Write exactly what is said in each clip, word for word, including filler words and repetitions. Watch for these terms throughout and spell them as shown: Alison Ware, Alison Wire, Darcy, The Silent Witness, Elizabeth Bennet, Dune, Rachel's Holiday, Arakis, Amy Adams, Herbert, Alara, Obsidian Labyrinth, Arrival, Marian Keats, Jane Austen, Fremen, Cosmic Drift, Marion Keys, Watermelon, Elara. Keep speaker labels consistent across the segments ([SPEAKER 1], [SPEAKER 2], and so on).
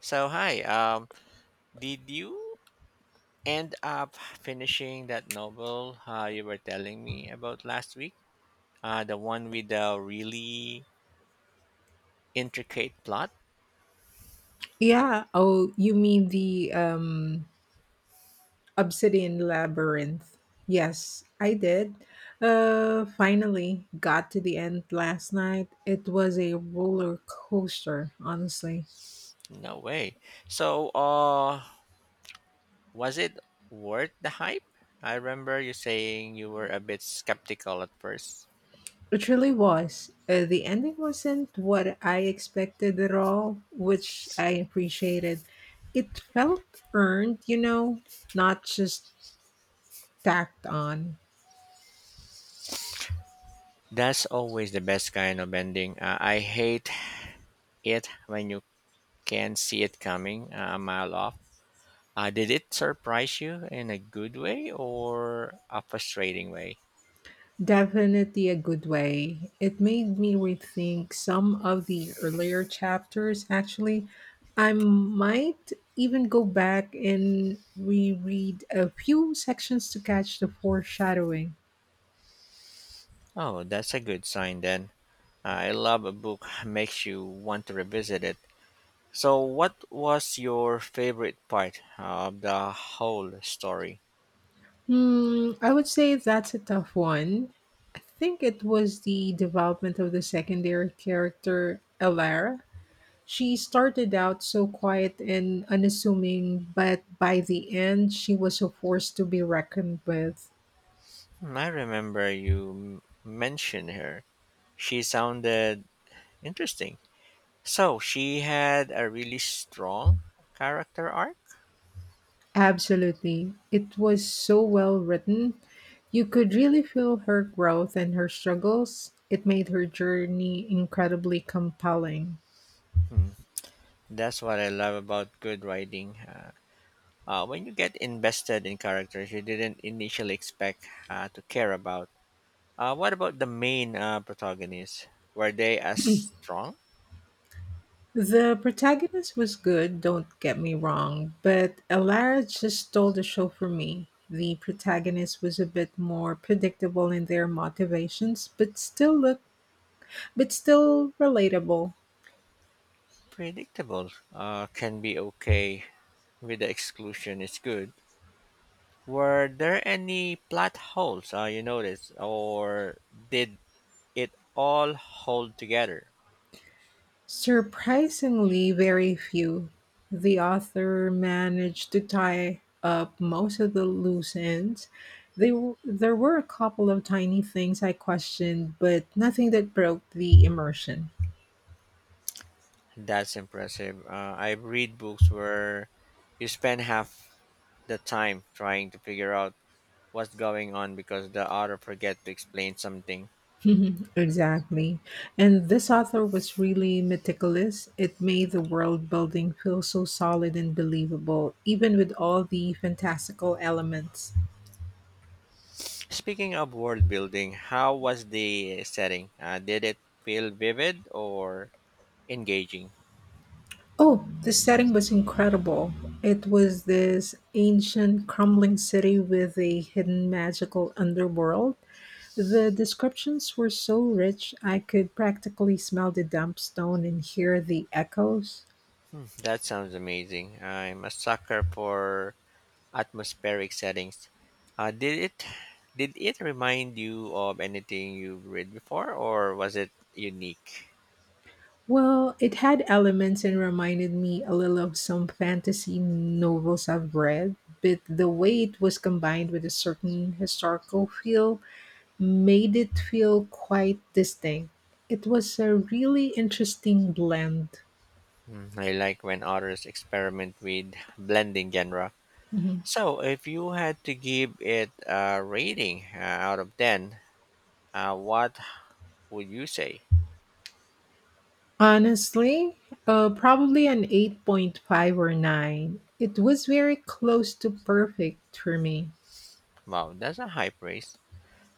[SPEAKER 1] So hi, um, did you end up finishing that novel uh, you were telling me about last week? Uh, the one with the really intricate plot?
[SPEAKER 2] Yeah. Oh, you mean the um, Obsidian Labyrinth? Yes, I did. Uh, finally got to the end last night. It was a roller coaster, honestly.
[SPEAKER 1] No way. So, uh, was it worth the hype? I remember you saying you were a bit skeptical at first.
[SPEAKER 2] It really was. Uh, the ending wasn't what I expected at all, which I appreciated. It felt earned, you know, not just tacked on.
[SPEAKER 1] That's always the best kind of ending. Uh, I hate it when you can see it coming uh, a mile off. Uh, did it surprise you in a good way or a frustrating way?
[SPEAKER 2] Definitely a good way. It made me rethink some of the earlier chapters, actually. I might even go back and reread a few sections to catch the foreshadowing.
[SPEAKER 1] Oh, that's a good sign then. I love a book makes you want to revisit it. So, what was your favorite part of the whole story?
[SPEAKER 2] Hmm, I would say that's a tough one. I think it was the development of the secondary character, Elara. She started out so quiet and unassuming, but by the end, she was a force to be reckoned with.
[SPEAKER 1] Hmm, I remember you m- mentioned her. She sounded interesting. So, she had a really strong character arc?
[SPEAKER 2] Absolutely. It was so well written. You could really feel her growth and her struggles. It made her journey incredibly compelling.
[SPEAKER 1] Hmm, that's what I love about good writing. Uh, Uh, when you get invested in characters you didn't initially expect uh, to care about. Uh, what about the main uh, protagonists? Were they as strong?
[SPEAKER 2] The protagonist was good, don't get me wrong, but Alara just stole the show for me. The protagonist was a bit more predictable in their motivations, but still look but still relatable.
[SPEAKER 1] Predictable uh, can be okay with the exclusion, it's good. Were there any plot holes uh, you noticed, or did it all hold together?
[SPEAKER 2] Surprisingly very few, the author managed to tie up most of the loose ends. They, w- there were a couple of tiny things I questioned, but nothing that broke the immersion.
[SPEAKER 1] That's impressive. Uh, I read books where you spend half the time trying to figure out what's going on because the author forget to explain something.
[SPEAKER 2] Mhm, exactly. And this author was really meticulous. It made the world building feel so solid and believable, even with all the fantastical elements.
[SPEAKER 1] Speaking of world building, how was the setting? Uh, did it feel vivid or engaging?
[SPEAKER 2] Oh, the setting was incredible. It was this ancient, crumbling city with a hidden magical underworld. The descriptions were so rich, I could practically smell the damp stone and hear the echoes.
[SPEAKER 1] Hmm, that sounds amazing. I'm a sucker for atmospheric settings. Uh, did it did it remind you of anything you've read before or was it unique?
[SPEAKER 2] Well, it had elements and reminded me a little of some fantasy novels I've read, but the way it was combined with a certain historical feel made it feel quite distinct. It was a really interesting blend.
[SPEAKER 1] Hmm, I like when authors experiment with blending genre.
[SPEAKER 2] Mhm.
[SPEAKER 1] So, if you had to give it a rating uh, out of ten, uh, what would you say?
[SPEAKER 2] Honestly, uh, probably an eight point five or nine. It was very close to perfect for me.
[SPEAKER 1] Wow, that's a high praise.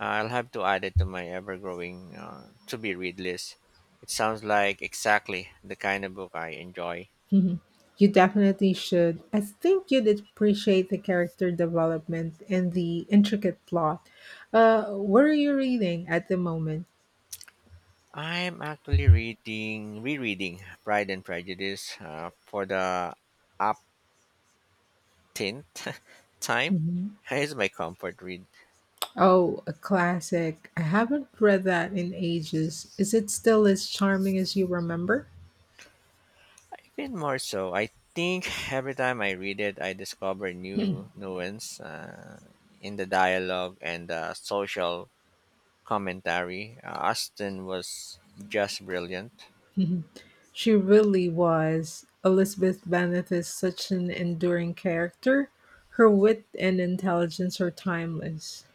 [SPEAKER 1] Uh, I'll have to add it to my ever growing uh, to be read list. It sounds like exactly the kind of book I enjoy.
[SPEAKER 2] Mhm. You definitely should. I think you'd appreciate the character development and the intricate plot. Uh, what are you reading at the moment?
[SPEAKER 1] I'm actually reading, rereading Pride and Prejudice uh, for the upteenth time.
[SPEAKER 2] Mhm.
[SPEAKER 1] It's my comfort read.
[SPEAKER 2] Oh, a classic. I haven't read that in ages. Is it still as charming as you remember?
[SPEAKER 1] Even more so, I think every time I read it, I discover new nuance uh, in the dialogue and the social commentary. Uh, Austin was just brilliant.
[SPEAKER 2] She really was. Elizabeth Bennet is such an enduring character. Her wit and intelligence are timeless.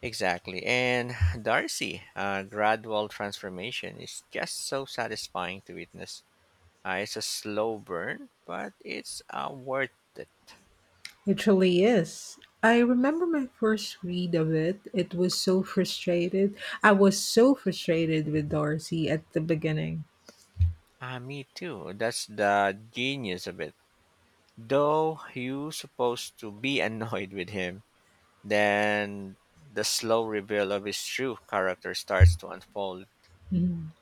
[SPEAKER 1] Exactly. And Darcy, uh, gradual transformation is just so satisfying to witness. Uh, it's a slow burn, but it's uh, worth it.
[SPEAKER 2] It truly is. I remember my first read of it. It was so frustrated. I was so frustrated with Darcy at the beginning.
[SPEAKER 1] Uh, me too. That's the genius of it. Though you supposed to be annoyed with him. Then the slow reveal of his true character starts to unfold.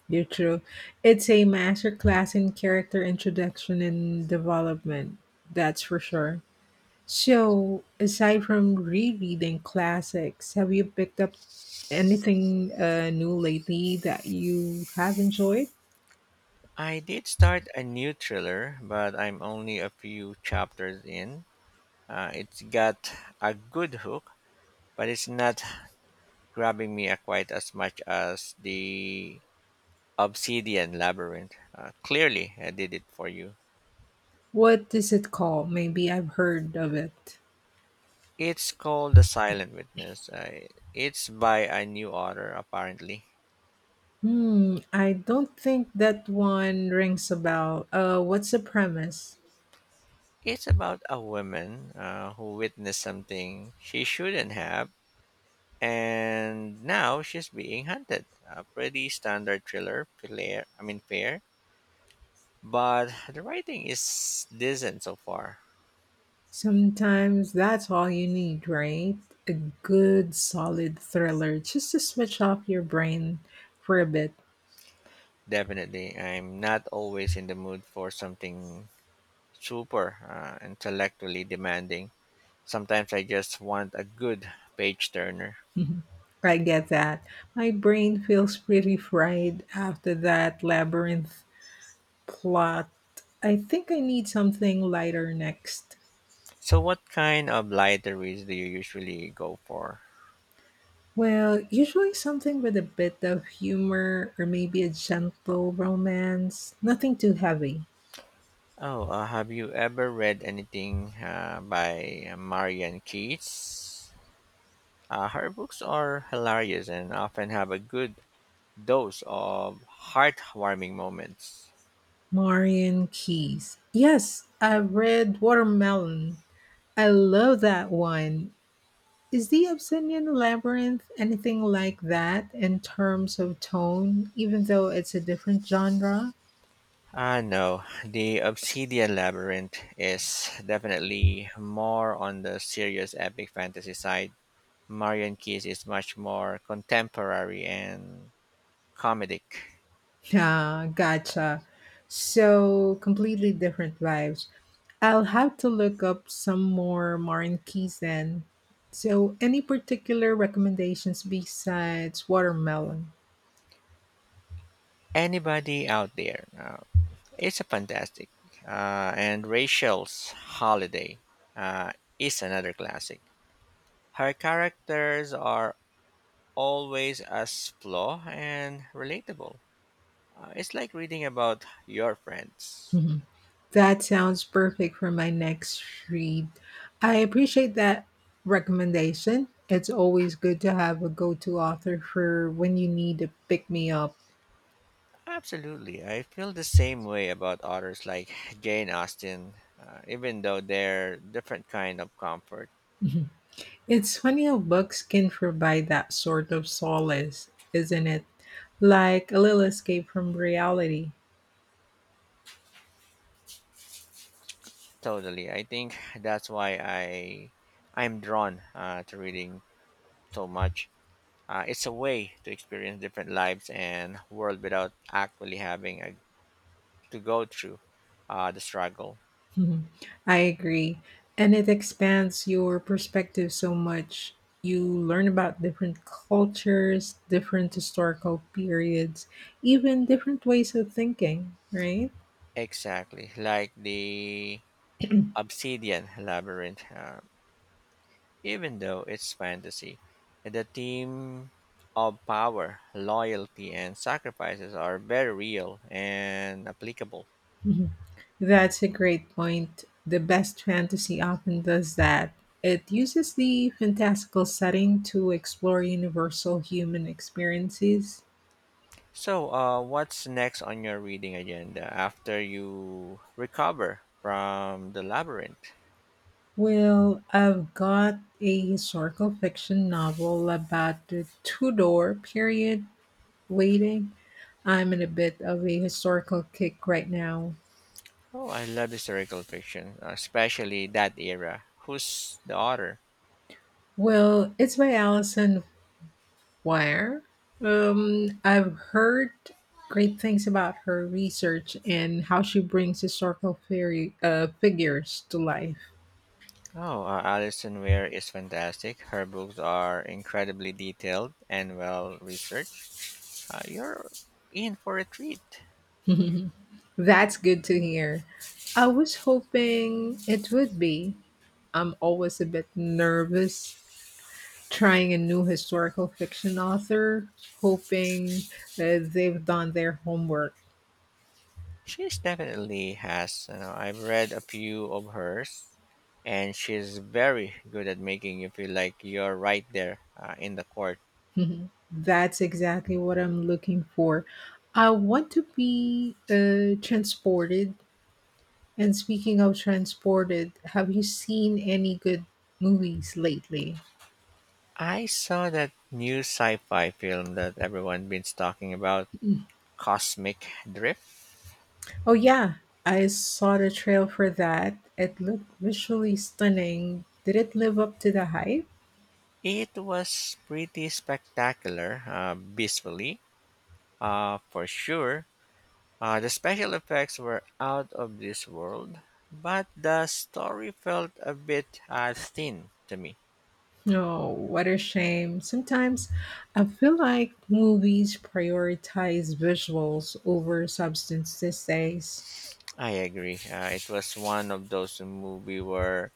[SPEAKER 2] You're true. It's a masterclass in character introduction and development, that's for sure. So, aside from rereading classics, have you picked up anything uh, new lately that you have enjoyed?
[SPEAKER 1] I did start a new thriller, but I'm only a few chapters in. Uh, it's got a good hook, but it's not grabbing me uh, quite as much as the Obsidian Labyrinth. Uh, clearly, I did it for you.
[SPEAKER 2] What is it called? Maybe I've heard of it.
[SPEAKER 1] It's called The Silent Witness. Uh, it's by a new author, apparently.
[SPEAKER 2] Hmm, I don't think that one rings a bell. Uh, what's the premise?
[SPEAKER 1] It's about a woman uh, who witnessed something she shouldn't have, and now she's being hunted. A pretty standard thriller, player, I mean fair, but the writing is decent so far.
[SPEAKER 2] Sometimes that's all you need, right? A good, solid thriller just to switch off your brain for a bit.
[SPEAKER 1] Definitely, I'm not always in the mood for something super uh, intellectually demanding. Sometimes I just want a good page turner.
[SPEAKER 2] Mhm. I get that. My brain feels pretty fried after that labyrinth plot. I think I need something lighter next.
[SPEAKER 1] So, what kind of lighter reads do you usually go for?
[SPEAKER 2] Well, usually something with a bit of humor or maybe a gentle romance. Nothing too heavy.
[SPEAKER 1] Oh, uh, have you ever read anything uh, by Marian Keats? Uh, her books are hilarious and often have a good dose of heartwarming moments.
[SPEAKER 2] Marion Keys. Yes, I've read Watermelon. I love that one. Is the Obsidian Labyrinth anything like that in terms of tone, even though it's a different genre?
[SPEAKER 1] Ah, no, The Obsidian Labyrinth is definitely more on the serious epic fantasy side. Marion Keys is much more contemporary and comedic.
[SPEAKER 2] Ah, gotcha. So completely different vibes. I'll have to look up some more Martin Keys then. So, any particular recommendations besides Watermelon?
[SPEAKER 1] Anybody out there? Uh, it's a fantastic. Uh, and Rachel's Holiday uh, is another classic. Her characters are always as flaw and relatable. Uh, it's like reading about your friends.
[SPEAKER 2] That sounds perfect for my next read. I appreciate that recommendation. It's always good to have a go to author for when you need to pick me up.
[SPEAKER 1] Absolutely. I feel the same way about authors like Jane Austen, uh, even though they're different kind of comfort.
[SPEAKER 2] It's funny how books can provide that sort of solace, isn't it? Like a little escape from reality.
[SPEAKER 1] Totally. I think that's why I I'm drawn uh, to reading so much. Uh, it's a way to experience different lives and world without actually having a, to go through uh, the struggle.
[SPEAKER 2] Mhm. I agree. And it expands your perspective so much. You learn about different cultures, different historical periods, even different ways of thinking, right?
[SPEAKER 1] Exactly. Like the Obsidian Labyrinth, uh, even though it's fantasy. The theme of power, loyalty, and sacrifices are very real and applicable.
[SPEAKER 2] Mhm. That's a great point. The best fantasy often does that. It uses the fantastical setting to explore universal human experiences.
[SPEAKER 1] So, uh, what's next on your reading agenda after you recover from the labyrinth?
[SPEAKER 2] Well, I've got a historical fiction novel about the Tudor period waiting. I'm in a bit of a historical kick right now.
[SPEAKER 1] Oh, I love historical fiction, especially that era. Who's the author?
[SPEAKER 2] Well, it's by Alison Wire. Um, I've heard great things about her research and how she brings historical fairy, uh, figures to life.
[SPEAKER 1] Oh, uh, Alison Ware is fantastic. Her books are incredibly detailed and well researched. Uh, you're in for a treat.
[SPEAKER 2] That's good to hear. I was hoping it would be. I'm always a bit nervous trying a new historical fiction author, hoping uh, they've done their homework.
[SPEAKER 1] She's definitely has. You know, I've read a few of hers, and she's very good at making you feel like you're right there uh, in the court.
[SPEAKER 2] Mhm. That's exactly what I'm looking for. I want to be uh, transported. And speaking of transported, have you seen any good movies lately?
[SPEAKER 1] I saw that new sci-fi film that everyone been talking about, Cosmic Drift.
[SPEAKER 2] Oh, yeah, I saw the trail for that. It looked visually stunning. Did it live up to the hype?
[SPEAKER 1] It was pretty spectacular, uh, visually, uh, for sure. Uh, the special effects were out of this world, but the story felt a bit uh, thin to me.
[SPEAKER 2] No, what a shame. Sometimes I feel like movies prioritize visuals over substance these days.
[SPEAKER 1] I agree. Uh, it was one of those movies where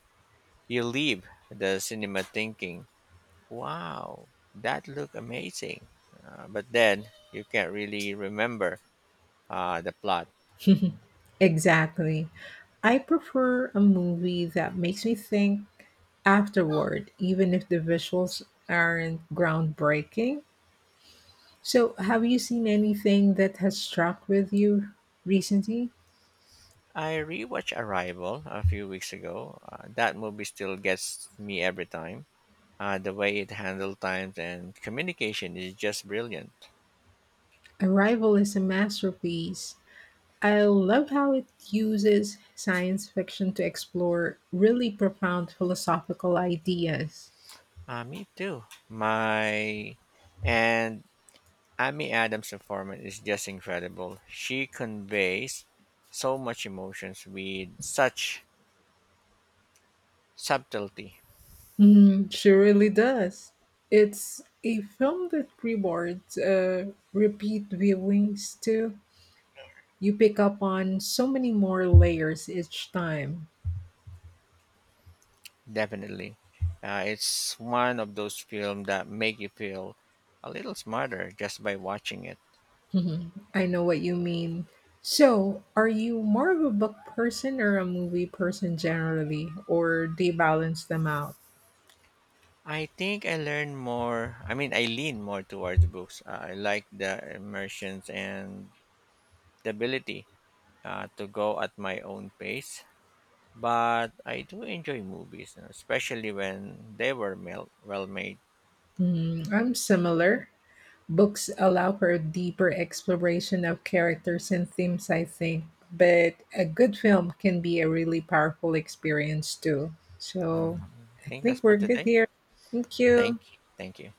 [SPEAKER 1] you leave the cinema thinking, wow, that looked amazing. Uh, but then you can't really remember uh, the plot.
[SPEAKER 2] Exactly. I prefer a movie that makes me think afterward, even if the visuals aren't groundbreaking. So, have you seen anything that has struck with you recently?
[SPEAKER 1] I rewatched Arrival a few weeks ago. Uh, that movie still gets me every time. Uh, the way it handles time and communication is just brilliant.
[SPEAKER 2] Arrival is a masterpiece. I love how it uses science fiction to explore really profound philosophical ideas.
[SPEAKER 1] Uh, me too. My and Amy Adams' informant is just incredible. She conveys so much emotions with such subtlety.
[SPEAKER 2] Mm, she really does. It's a film that rewards uh, repeat viewings too. You pick up on so many more layers each time.
[SPEAKER 1] Definitely, uh, it's one of those films that make you feel a little smarter just by watching it.
[SPEAKER 2] Mhm. I know what you mean. So, are you more of a book person or a movie person generally, or do you balance them out?
[SPEAKER 1] I think I learn more. I mean, I lean more towards books. Uh, I like the immersions and the ability uh, to go at my own pace. But I do enjoy movies, you know, especially when they were mel- well made.
[SPEAKER 2] Mm, I'm similar. Books allow for deeper exploration of characters and themes, I think, but a good film can be a really powerful experience too.
[SPEAKER 1] Mhm.
[SPEAKER 2] So
[SPEAKER 1] I
[SPEAKER 2] I
[SPEAKER 1] think that's
[SPEAKER 2] think
[SPEAKER 1] for
[SPEAKER 2] we're good
[SPEAKER 1] today.
[SPEAKER 2] here. Thank
[SPEAKER 1] Thank,
[SPEAKER 2] you.
[SPEAKER 1] thank you.